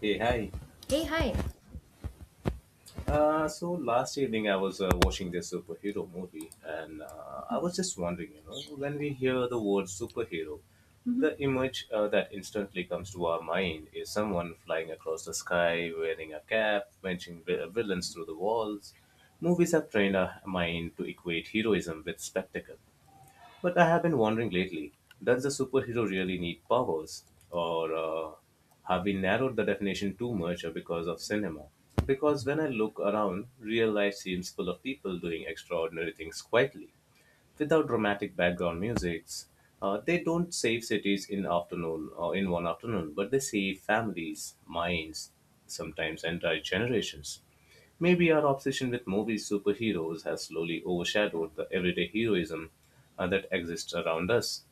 Hey, hi. Hey, hi. So last evening I was watching this superhero movie, and I was just wondering, you know, when we hear the word superhero, the image that instantly comes to our mind is someone flying across the sky, wearing a cap, punching villains through the walls. Movies have trained our mind to equate heroism with spectacle. But I have been wondering lately, does a superhero really need powers? Or Have we narrowed the definition too much because of cinema? Because when I look around, real life seems full of people doing extraordinary things quietly without dramatic background musics. They don't save cities in afternoon or in one afternoon, but they save families, minds, sometimes entire generations. Maybe our obsession with movie superheroes has slowly overshadowed the everyday heroism that exists around us.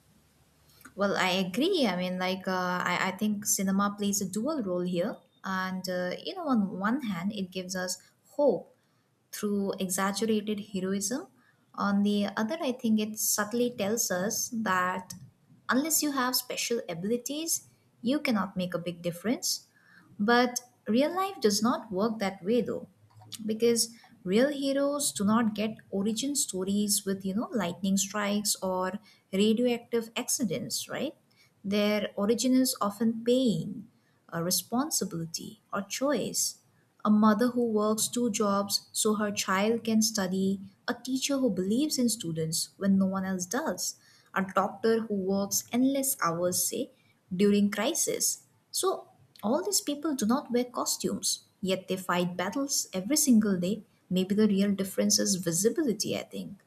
Well, I agree. I mean, like, I think cinema plays a dual role here. And, on one hand, it gives us hope through exaggerated heroism. On the other, I think it subtly tells us that unless you have special abilities, you cannot make a big difference. But real life does not work that way though, because real heroes do not get origin stories with, lightning strikes or radioactive accidents, right? Their origin is often pain, a responsibility, or choice, a mother who works two jobs so her child can study, a teacher who believes in students when no one else does, a doctor who works endless hours, say, during crisis. So, all these people do not wear costumes, yet they fight battles every single day. Maybe the real difference is visibility, I think.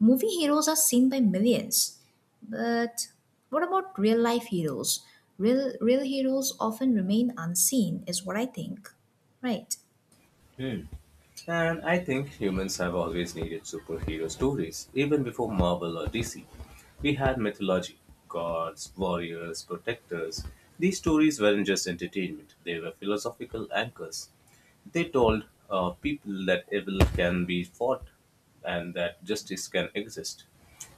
Movie heroes are seen by millions, but what about real life heroes? Real heroes often remain unseen is what I think. Right. Hmm. And I think humans have always needed superhero stories, even before Marvel or DC. We had mythology, gods, warriors, protectors. These stories weren't just entertainment, they were philosophical anchors. They told people that evil can be fought and that justice can exist.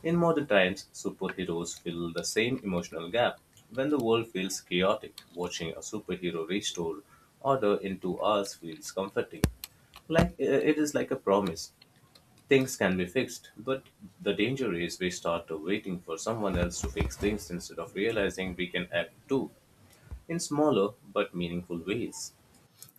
In modern times, superheroes fill the same emotional gap. When the world feels chaotic, watching a superhero restore order into ours feels comforting. It is like a promise. Things can be fixed, but the danger is we start to waiting for someone else to fix things instead of realizing we can act too in smaller but meaningful ways.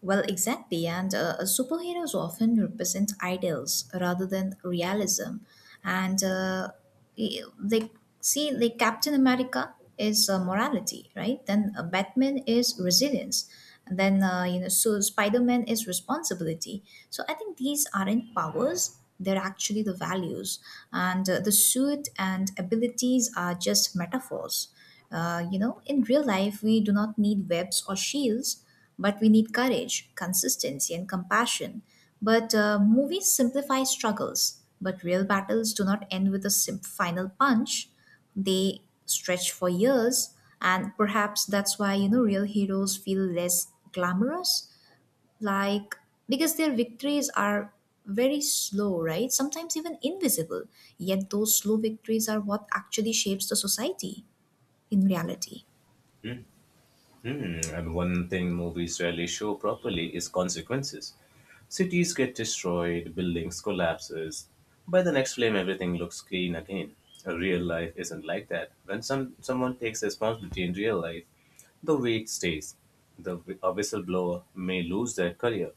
Well, exactly, and superheroes often represent ideals rather than realism, and they see like Captain America is morality, right? Then Batman is resilience, and then so Spider Man is responsibility. So I think these aren't powers; they're actually the values, and the suit and abilities are just metaphors. In real life, we do not need webs or shields, but we need courage, consistency, and compassion. But movies simplify struggles, but real battles do not end with a final punch. They stretch for years, and perhaps that's why, real heroes feel less glamorous, like because their victories are very slow, right? Sometimes even invisible. Yet those slow victories are what actually shapes the society in reality. Hmm? Hmm, and one thing movies rarely show properly is consequences. Cities get destroyed, buildings collapses. By the next flame, everything looks clean again. Real life isn't like that. When someone takes responsibility in real life, the weight stays. The A whistleblower may lose their career.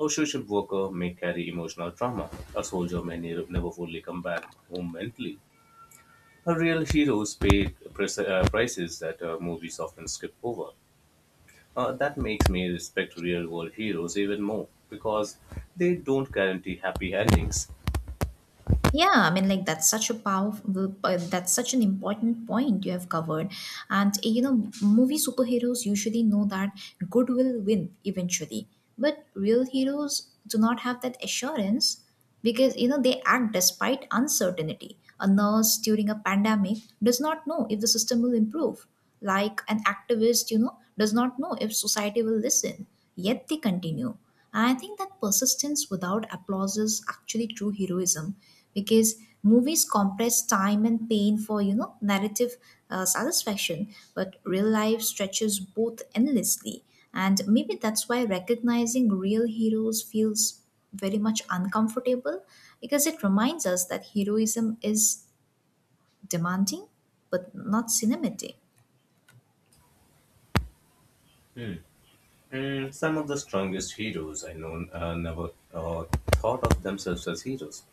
A social worker may carry emotional trauma. A soldier may never fully come back home mentally. A real heroes pay prices that movies often skip over. That makes me respect real world heroes even more because they don't guarantee happy endings. Yeah, I mean, like, that's such an important point you have covered. And movie superheroes usually know that good will win eventually, but real heroes do not have that assurance, because they act despite uncertainty. A nurse during a pandemic does not know if the system will improve, like an activist does not know if society will listen, yet they continue. I think that persistence without applause is actually true heroism, because movies compress time and pain for, narrative satisfaction, but real life stretches both endlessly. And maybe that's why recognizing real heroes feels very much uncomfortable, because it reminds us that heroism is demanding but not cinematic. Mm, some of the strongest heroes I know never thought of themselves as heroes.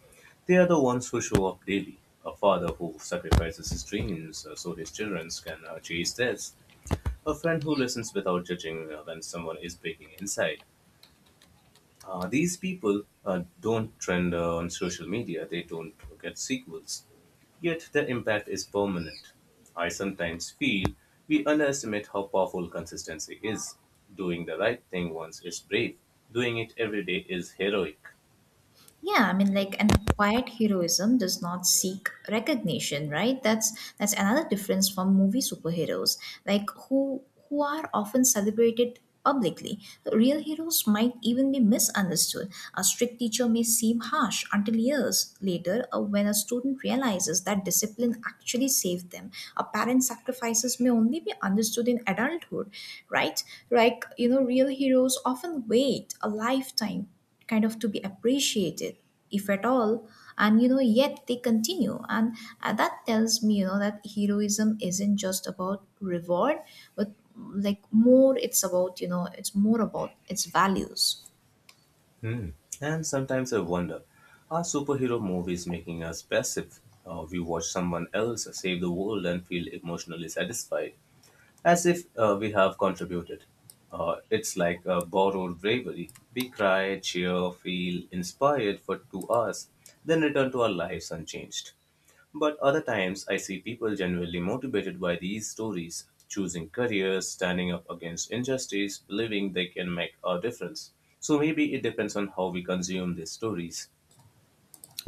They are the ones who show up daily. A father who sacrifices his dreams so his children can chase theirs. A friend who listens without judging when someone is breaking inside. These people don't trend on social media, they don't get sequels, yet their impact is permanent. I sometimes feel we underestimate how powerful consistency is. Doing the right thing once is brave, doing it every day is heroic. Yeah, I mean, like, and quiet heroism does not seek recognition, right? That's another difference from movie superheroes, like who are often celebrated publicly. Real heroes might even be misunderstood. A strict teacher may seem harsh until years later, when a student realizes that discipline actually saved them. A parent's sacrifices may only be understood in adulthood, right? Like real heroes often wait a lifetime, kind of, to be appreciated, if at all. And yet they continue, and that tells me that heroism isn't just about reward, but, like, more it's more about its values. Hmm. And sometimes I wonder, are superhero movies making us passive? We watch someone else save the world and feel emotionally satisfied, as if we have contributed. It's like a borrowed bravery. We cry, cheer, feel inspired for 2 hours, then return to our lives unchanged. But other times, I see people genuinely motivated by these stories, choosing careers, standing up against injustice, believing they can make a difference. So maybe it depends on how we consume these stories.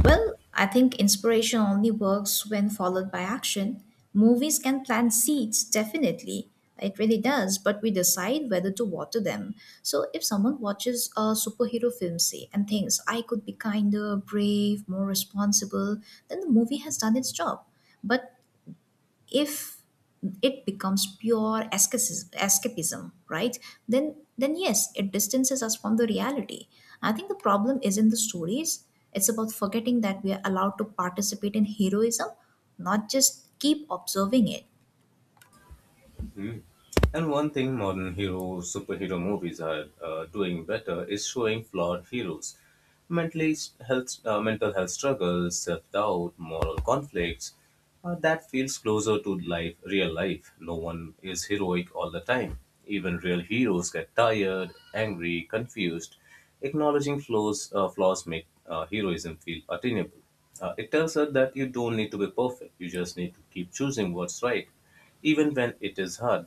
Well, I think inspiration only works when followed by action. Movies can plant seeds, definitely. It really does, but we decide whether to water them. So if someone watches a superhero film, say, and thinks, I could be kinder, brave, more responsible, then the movie has done its job. But if it becomes pure escapism, right? Then yes, it distances us from the reality. I think the problem is in the stories. It's about forgetting that we are allowed to participate in heroism, not just keep observing it. And one thing modern hero superhero movies are doing better is showing flawed heroes. Health, mental health struggles, self doubt, moral conflicts. That feels closer to life, real life. No one is heroic all the time. Even real heroes get tired, angry, confused. Acknowledging flaws, flaws make heroism feel attainable. It tells us that you don't need to be perfect. You just need to keep choosing what's right, even when it is hard.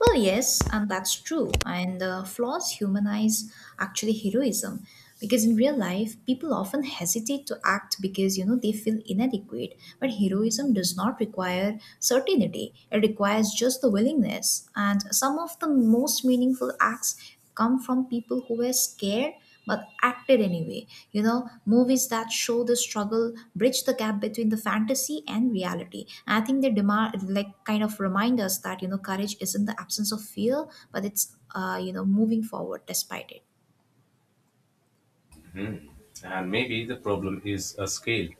Well, yes, and that's true. And flaws humanize actually heroism, because in real life, people often hesitate to act because they feel inadequate. But heroism does not require certainty, it requires just the willingness. And some of the most meaningful acts come from people who were scared but acted anyway. Movies that show the struggle bridge the gap between the fantasy and reality. And I think they demand, like, kind of remind us that courage isn't the absence of fear, but it's moving forward despite it. And maybe the problem is a scale.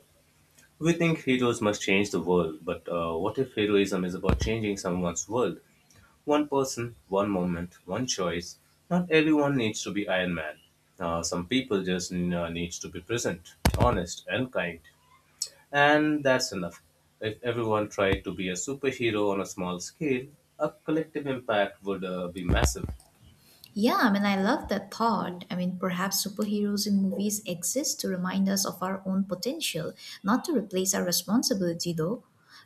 We think heroes must change the world, but what if heroism is about changing someone's world? One person, one moment, one choice. Not everyone needs to be Iron Man. Some people just needs to be present, honest, and kind. And that's enough. If everyone tried to be a superhero on a small scale, a collective impact would be massive. Yeah, I mean, I love that thought. I mean, perhaps superheroes in movies exist to remind us of our own potential, not to replace our responsibility, though.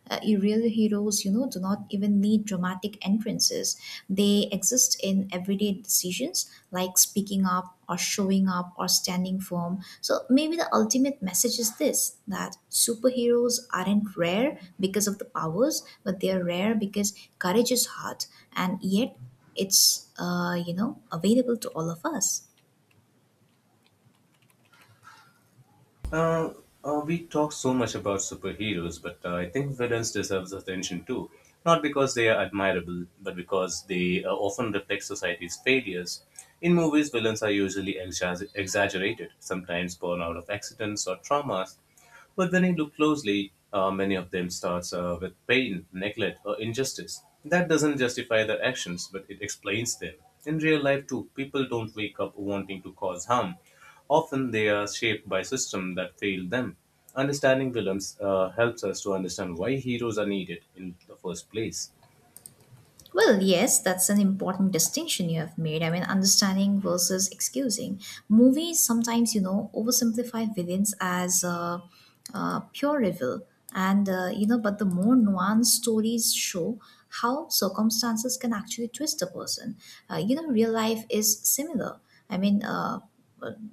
Real heroes, do not even need dramatic entrances. They exist in everyday decisions like speaking up or showing up or standing firm. So maybe the ultimate message is this, that superheroes aren't rare because of the powers, but they are rare because courage is hard, and yet it's available to all of us. Uh, we talk so much about superheroes, but I think villains deserves attention too. Not because they are admirable, but because they often reflect society's failures. In movies, villains are usually exaggerated, sometimes born out of accidents or traumas. But when you look closely, many of them starts with pain, neglect, or injustice. That doesn't justify their actions, but it explains them. In real life too, people don't wake up wanting to cause harm. Often they are shaped by systems that failed them. Understanding villains helps us to understand why heroes are needed in the first place. Well, yes, that's an important distinction you have made. I mean, understanding versus excusing. Movies sometimes oversimplify villains as pure evil, and but the more nuanced stories show how circumstances can actually twist a person. Real life is similar. I mean,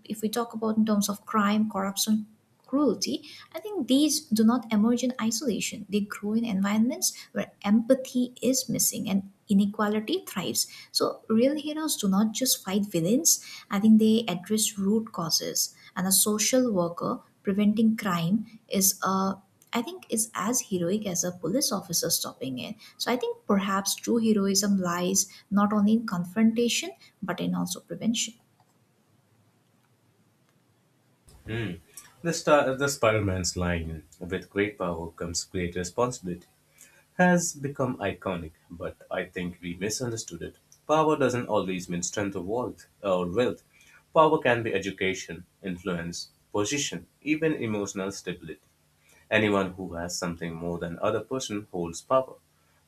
if we talk about in terms of crime, corruption, cruelty, I think these do not emerge in isolation. They grow in environments where empathy is missing and inequality thrives. So, real heroes do not just fight villains, I think they address root causes. And a social worker preventing crime is a I think is as heroic as a police officer stopping it. So I think perhaps true heroism lies not only in confrontation but in also prevention. Hmm. The Spider-Man's line, with great power comes great responsibility, has become iconic, but I think we misunderstood it. Power doesn't always mean strength or wealth. Or wealth. Power can be education, influence, position, even emotional stability. Anyone who has something more than other person holds power.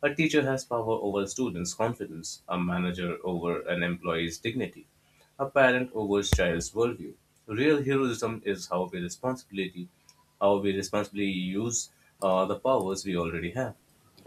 A teacher has power over a student's confidence, a manager over an employee's dignity, a parent over his child's worldview. Real heroism is how we responsibility, how we responsibly use the powers we already have.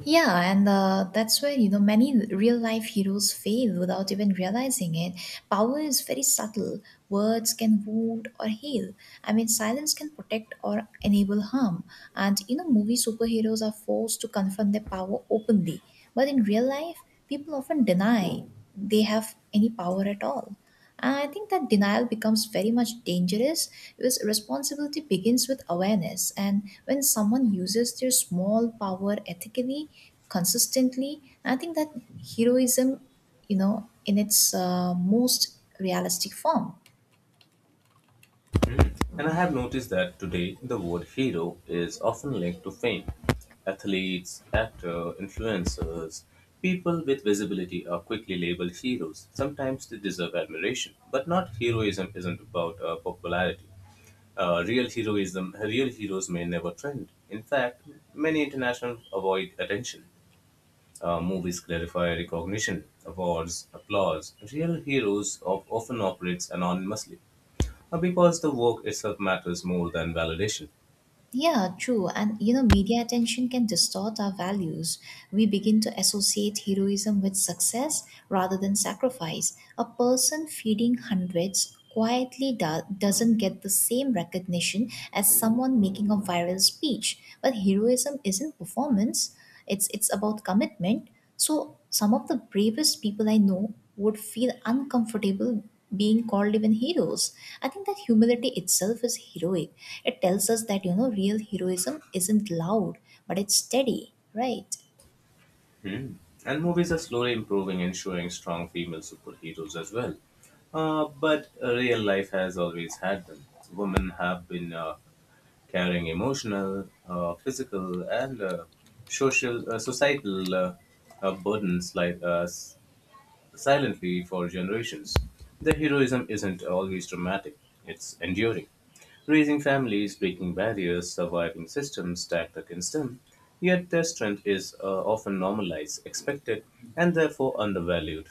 Yeah, and that's where many real life heroes fail without even realizing it. Power is very subtle. Words can wound or heal. I mean, silence can protect or enable harm. And movie superheroes are forced to confront their power openly. But in real life, people often deny they have any power at all. I think that denial becomes very much dangerous, because responsibility begins with awareness. And when someone uses their small power ethically, consistently, I think that heroism, in its most realistic form. And I have noticed that today the word hero is often linked to fame. Athletes, actors, influencers, people with visibility are quickly labeled heroes. Sometimes they deserve admiration, but not heroism isn't about popularity. Real heroism, real heroes may never trend. In fact, many international avoid attention. Movies clarify recognition, awards, applause. Real heroes of, often operates anonymously. Because the work itself matters more than validation. Yeah, true. And media attention can distort our values. We begin to associate heroism with success rather than sacrifice. A person feeding hundreds quietly doesn't get the same recognition as someone making a viral speech. But heroism isn't performance. It's about commitment. So some of the bravest people I know would feel uncomfortable being called even heroes. I think that humility itself is heroic. It tells us that real heroism isn't loud, but it's steady, right? Hmm. And movies are slowly improving and showing strong female superheroes as well. But Real life has always had them. Women have been carrying emotional, physical, and social, societal burdens like us silently for generations. The heroism isn't always dramatic, it's enduring. Raising families, breaking barriers, surviving systems stacked against them, yet their strength is often normalized, expected, and therefore undervalued.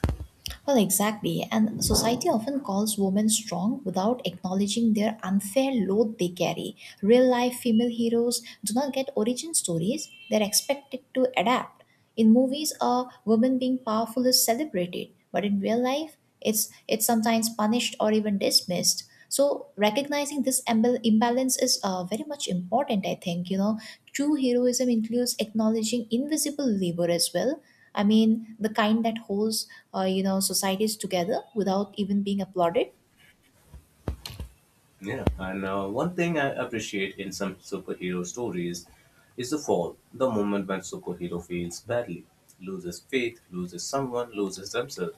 Well, exactly. And society often calls women strong without acknowledging their unfair load they carry. Real life female heroes do not get origin stories, they're expected to adapt. In movies, a woman being powerful is celebrated, but in real life, it's sometimes punished or even dismissed. So recognizing this imbalance is very much important, I think. True heroism includes acknowledging invisible labor as well. I mean, the kind that holds, societies together without even being applauded. Yeah, and one thing I appreciate in some superhero stories is the fall, the moment when superhero feels badly, loses faith, loses someone, loses themselves.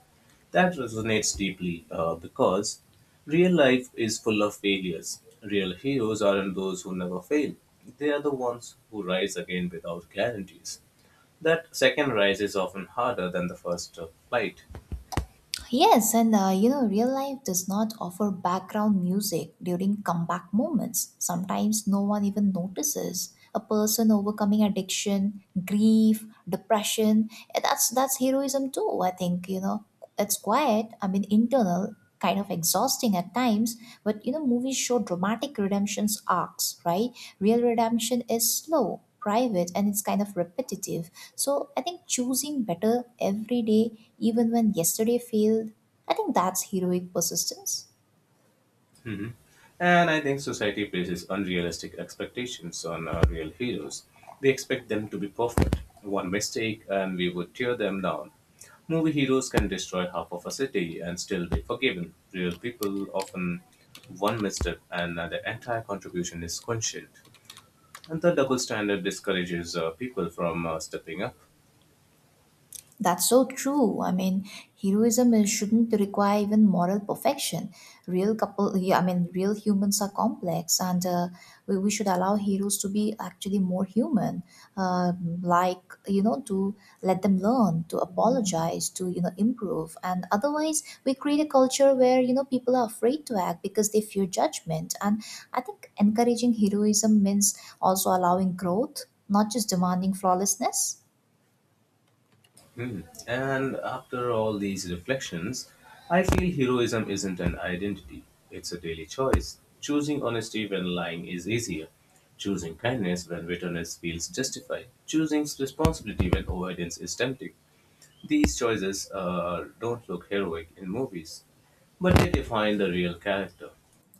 That resonates deeply because real life is full of failures. Real heroes aren't those who never fail. They are the ones who rise again without guarantees. That second rise is often harder than the first fight. Yes, and real life does not offer background music during comeback moments. Sometimes no one even notices a person overcoming addiction, grief, depression. That's heroism too. I think it's quiet. I mean, internal, kind of exhausting at times, but movies show dramatic redemption's arcs, right? Real redemption is slow, private, and it's kind of repetitive. So I think choosing better every day, even when yesterday failed, I think that's heroic persistence. Mhm. And I think society places unrealistic expectations on real heroes. They expect them to be perfect. One mistake, and we would tear them down. Movie heroes can destroy half of a city and still be forgiven. Real people often one misstep, and their entire contribution is questioned. And the double standard discourages people from stepping up. That's so true. I mean, heroism shouldn't require even moral perfection. Yeah, I mean, real humans are complex, and we should allow heroes to be actually more human. Uh, like, to let them learn, to apologize, to improve. And otherwise, we create a culture where people are afraid to act because they fear judgment. And I think encouraging heroism means also allowing growth, not just demanding flawlessness. Mm. And after all these reflections, I feel heroism isn't an identity, it's a daily choice. Choosing honesty when lying is easier, choosing kindness when bitterness feels justified, choosing responsibility when avoidance is tempting. These choices don't look heroic in movies, but they define the real character.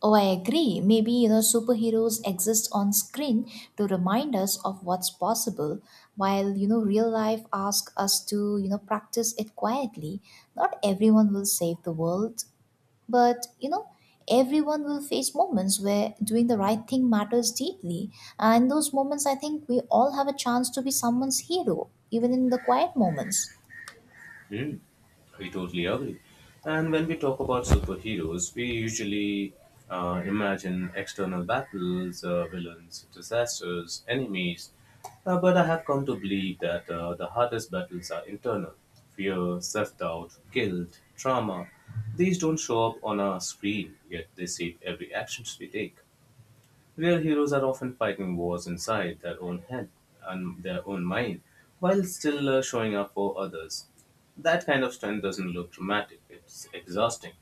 Oh, I agree. Maybe, superheroes exist on screen to remind us of what's possible, while, real life asks us to, practice it quietly. Not everyone will save the world, but, everyone will face moments where doing the right thing matters deeply. And in those moments, I think we all have a chance to be someone's hero, even in the quiet moments. Mm, we totally agree. And when we talk about superheroes, we usually imagine external battles, villains, disasters, enemies. But I have come to believe that the hardest battles are internal fear, self doubt, guilt, trauma. These don't show up on a screen, yet they shape every actions we take. Real heroes are often fighting wars inside their own head and their own mind while still showing up for others. That kind of strength doesn't look dramatic, it's exhausting.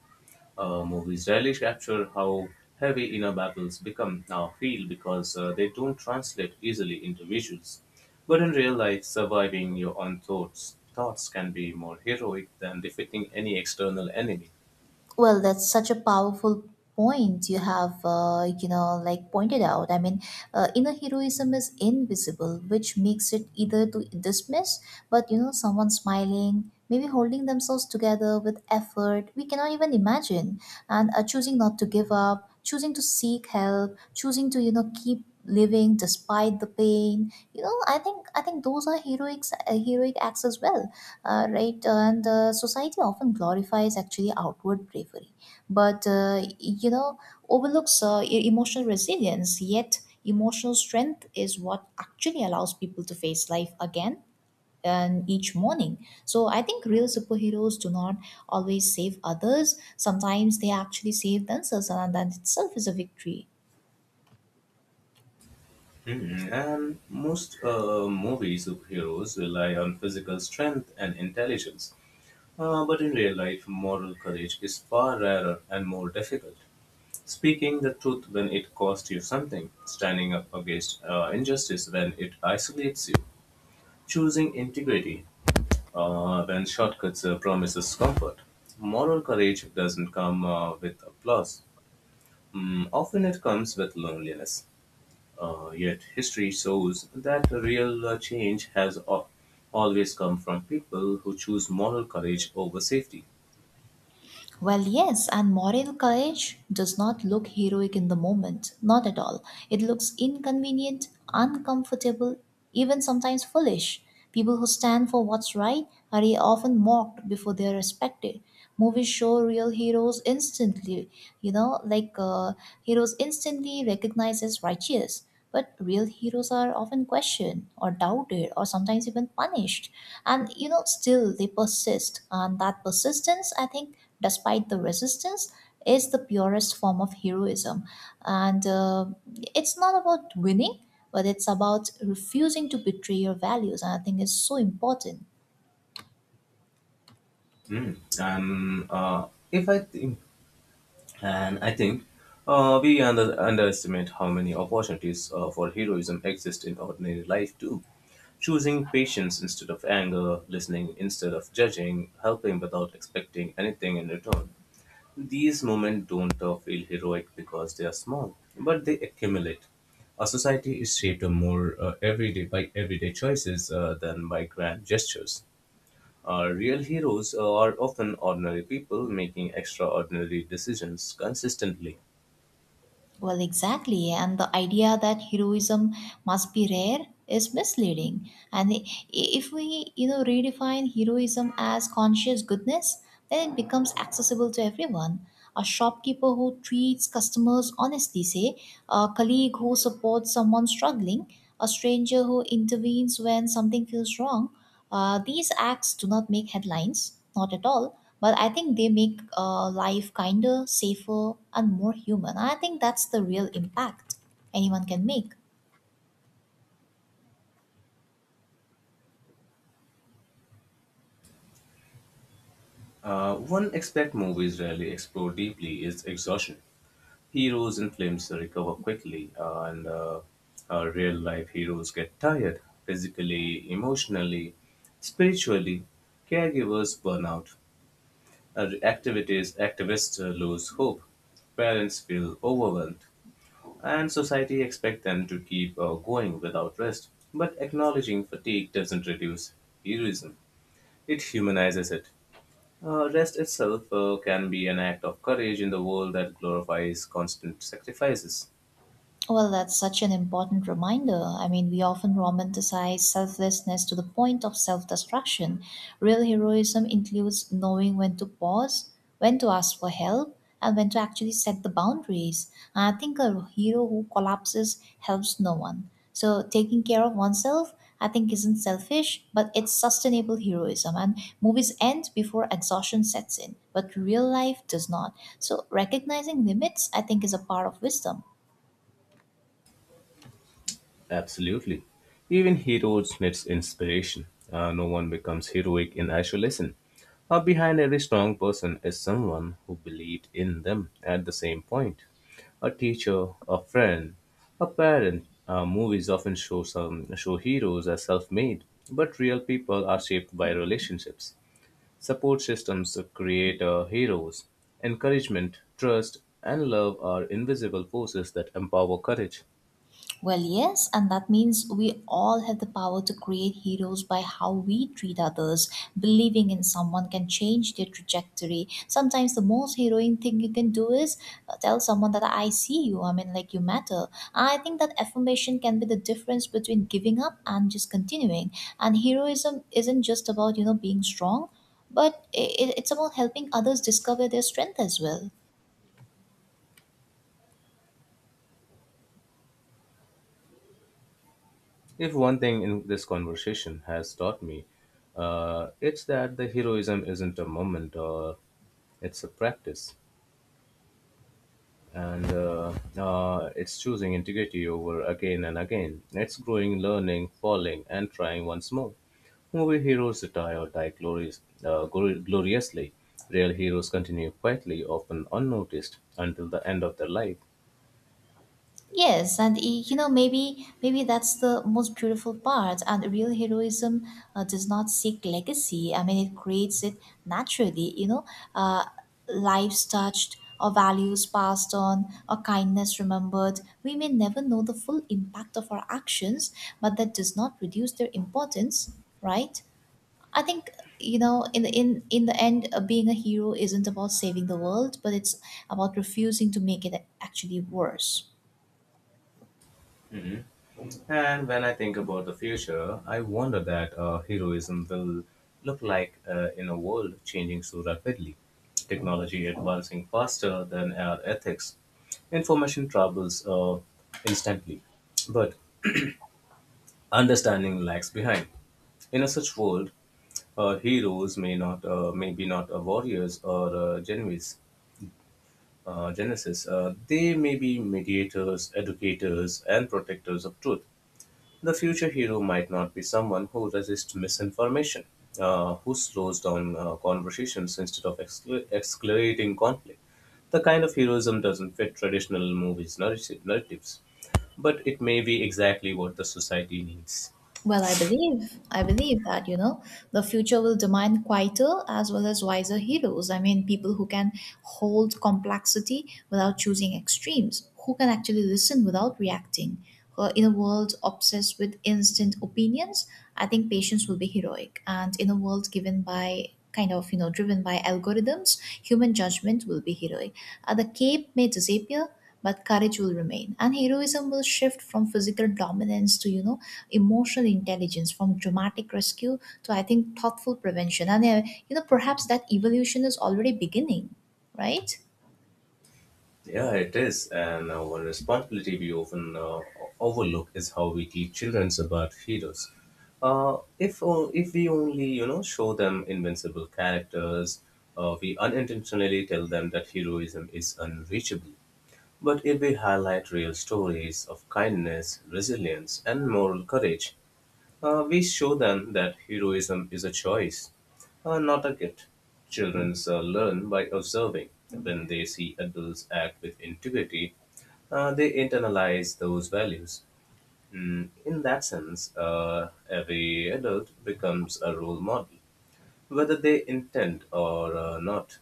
Movies rarely capture how heavy inner battles become now feel because they don't translate easily into visuals. But in real life, surviving your own thoughts can be more heroic than defeating any external enemy. Well, that's such a powerful point you have, like, pointed out. I mean, inner heroism is invisible, which makes it either to dismiss, but someone smiling, maybe holding themselves together with effort, we cannot even imagine, and choosing not to give up, choosing to seek help, choosing to keep living despite the pain. You know, I think those are heroic heroic acts as well. Right. And the society often glorifies actually outward bravery, but overlooks emotional resilience. Yet, emotional strength is what actually allows people to face life again and each morning. So, I think real superheroes do not always save others. Sometimes they actually save themselves, and that itself is a victory. Mhm. And most movie superheroes rely on physical strength and intelligence. But in real life, moral courage is far rarer and more difficult. Speaking the truth when it costs you something, standing up against injustice when it isolates you, choosing integrity when shortcuts promises comfort. Moral courage doesn't come with applause. Mm, often it comes with loneliness. Yet history shows that real change has always come from people who choose moral courage over safety. Well, yes, and moral courage does not look heroic in the moment, not at all. It looks inconvenient, uncomfortable, even sometimes foolish. People who stand for what's right are often mocked before they are respected. Movies show real heroes instantly, you know, heroes instantly recognized as righteous. But real heroes are often questioned or doubted or sometimes even punished, and you know still they persist, and that persistence, I think, despite the resistance, is the purest form of heroism. And it's not about winning, but it's about refusing to betray your values, and I think it's so important. Mm. And if I think, and I think, we underestimate how many opportunities for heroism exist in ordinary life too. Choosing patience instead of anger, listening instead of judging, helping without expecting anything in return. These moments don't feel heroic because they are small, but they accumulate. Our society is shaped more everyday by everyday choices than by grand gestures. Our real heroes are often ordinary people making extraordinary decisions consistently. Well, exactly. And the idea that heroism must be rare is misleading. And if we, you know, redefine heroism as conscious goodness, then it becomes accessible to everyone. A shopkeeper who treats customers honestly, say, a colleague who supports someone struggling, a stranger who intervenes when something feels wrong, these acts do not make headlines, not at all, but I think they make life kinder, safer, and more human. I think that's the real impact anyone can make. One aspect movies rarely explore deeply is exhaustion. Heroes in films recover quickly, and real life heroes get tired physically, emotionally, spiritually. Caregivers burn out. Activities, activists lose hope. Parents feel overwhelmed, and society expects them to keep going without rest. But acknowledging fatigue doesn't reduce heroism; it humanizes it. Rest itself can be an act of courage in the world that glorifies constant sacrifices. Well, that's such an important reminder. I mean, we often romanticize selflessness to the point of self destruction. Real heroism includes knowing when to pause, when to ask for help, and when to actually set the boundaries. I think a hero who collapses helps no one. So, taking care of oneself, I think, isn't selfish, but it's sustainable heroism. And movies end before exhaustion sets in, but real life does not. So, recognizing limits, I think, is a part of wisdom. Absolutely. Even heroes needs inspiration. No one becomes heroic in isolation. Behind every strong person is someone who believed in them at the same point. A teacher, a friend, a parent. Movies often show heroes as self-made, but real people are shaped by relationships. Support systems create heroes. Encouragement, trust, and love are invisible forces that empower courage. Well, yes, and that means we all have the power to create heroes by how we treat others. Believing in someone can change their trajectory. Sometimes the most heroine thing you can do is tell someone that I see you, I mean, like you matter. I think that affirmation can be the difference between giving up and just continuing. And heroism isn't just about, you know, being strong, but it's about helping others discover their strength as well. If one thing in this conversation has taught me, it's that the heroism isn't a moment, or it's a practice, and it's choosing integrity over again and again. It's growing, learning, falling, and trying once more. Movie heroes retire or die glorious, gloriously. Real heroes continue quietly, often unnoticed, until the end of their life. Yes, and you know, maybe that's the most beautiful part. And real heroism does not seek legacy. I mean, it creates it naturally. Uh, Lives touched or values passed on or kindness remembered. We may never know the full impact of our actions, but that does not reduce their importance, right? I think, you know, in the end, being a hero isn't about saving the world, but it's about refusing to make it actually worse. And when I think about the future, I wonder that heroism will look like in a world changing so rapidly, technology advancing faster than our ethics, information travels instantly, but understanding lags behind. In a such world, heroes may not, maybe not warriors or Genoese, Genesis. They may be mediators, educators, and protectors of truth. The future hero might not be someone who resists misinformation, who slows down conversations instead of escalating conflict. The kind of heroism doesn't fit traditional movies' narratives, but it may be exactly what the society needs. Well, I believe that, you know, the future will demand quieter as well as wiser heroes. I mean, people who can hold complexity without choosing extremes, who can actually listen without reacting. In a world obsessed with instant opinions, I think patience will be heroic. And in a world given by kind of, you know, driven by algorithms, human judgment will be heroic. The cape may disappear, but courage will remain, and heroism will shift from physical dominance to you know emotional intelligence, from dramatic rescue to I think thoughtful prevention. And you know, perhaps that evolution is already beginning, right? Yeah, it is. And one responsibility we often overlook is how we teach children about heroes. If we only you know show them invincible characters, we unintentionally tell them that heroism is unreachable. But if we highlight real stories of kindness, resilience, and moral courage, we show them that heroism is a choice, not a gift. Children learn by observing. When they see adults act with integrity, they internalize those values. Mm, in that sense, every adult becomes a role model, whether they intend or not.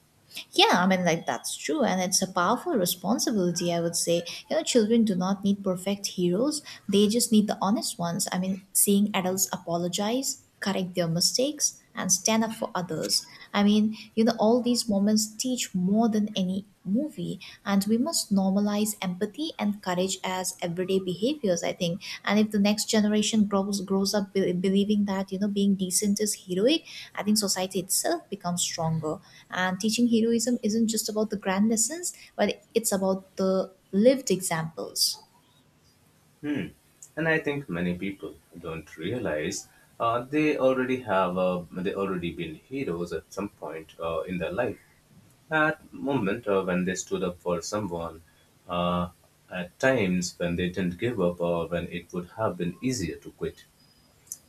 Yeah, I mean, like, that's true, and it's a powerful responsibility, I would say. You know, children do not need perfect heroes, they just need the honest ones. I mean, seeing adults apologize, correct their mistakes, and stand up for others. I mean, you know, all these moments teach more than any movie, and we must normalize empathy and courage as everyday behaviors I think and if the next generation grows grows up be- believing that you know being decent is heroic I think society itself becomes stronger and teaching heroism isn't just about the grand lessons but it's about the lived examples Hmm. And I think many people don't realize they already been heroes at some point in their life. At moment when they stood up for someone, uh, at times when they didn't give up or when it would have been easier to quit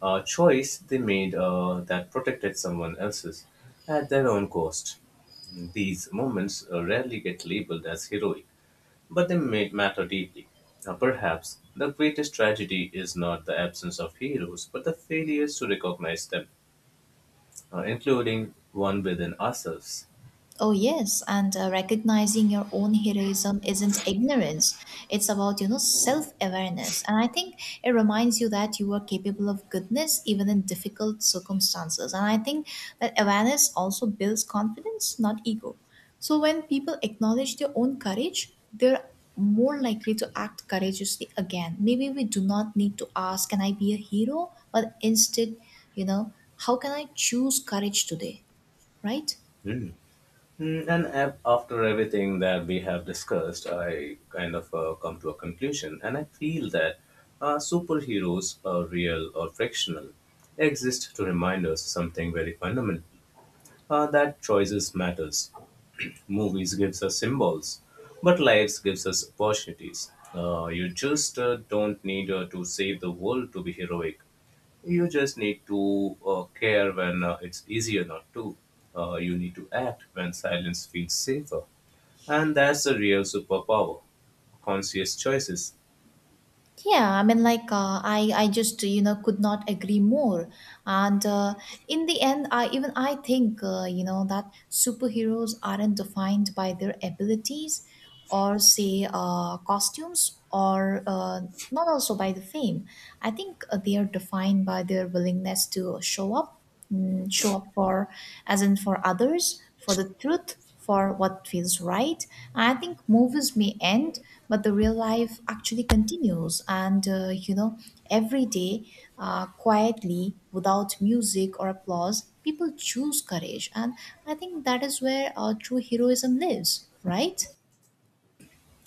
a choice they made that protected someone else's at their own cost. These moments rarely get labeled as heroic, but they may matter deeply. Now, perhaps the greatest tragedy is not the absence of heroes, but the failures to recognize them, including one within ourselves. Oh, yes. And recognizing your own heroism isn't ignorance. It's about, you know, self awareness. And I think it reminds you that you are capable of goodness even in difficult circumstances. And I think that awareness also builds confidence, not ego. So when people acknowledge their own courage, they're more likely to act courageously again. Maybe we do not need to ask, can I be a hero? But instead, you know, how can I choose courage today? Right? And after everything that we have discussed, I kind of come to a conclusion, and I feel that superheroes, real or fictional, exist to remind us something very fundamental: that choices matters. Movies gives us symbols, but lives gives us opportunities. You just don't need to save the world to be heroic. You just need to care when it's easier not to. You need to act when silence feels safer. And that's the real superpower, conscious choices. Yeah, I mean, I just, you know, could not agree more. And in the end, I think, you know, that superheroes aren't defined by their abilities, or say costumes, or not also by the fame. I think they are defined by their willingness to show up, show up for, as in, for others, for the truth, for what feels right. I think movies may end, but the real life actually continues. And you know, every day, quietly, without music or applause, people choose courage. And I think that is where true heroism lives, right?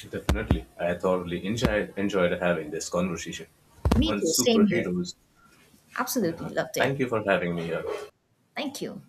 Definitely. I enjoyed having this conversation Me on too, same here. superheroes. Uh, Absolutely loved Thank it. you for having me here. Thank you.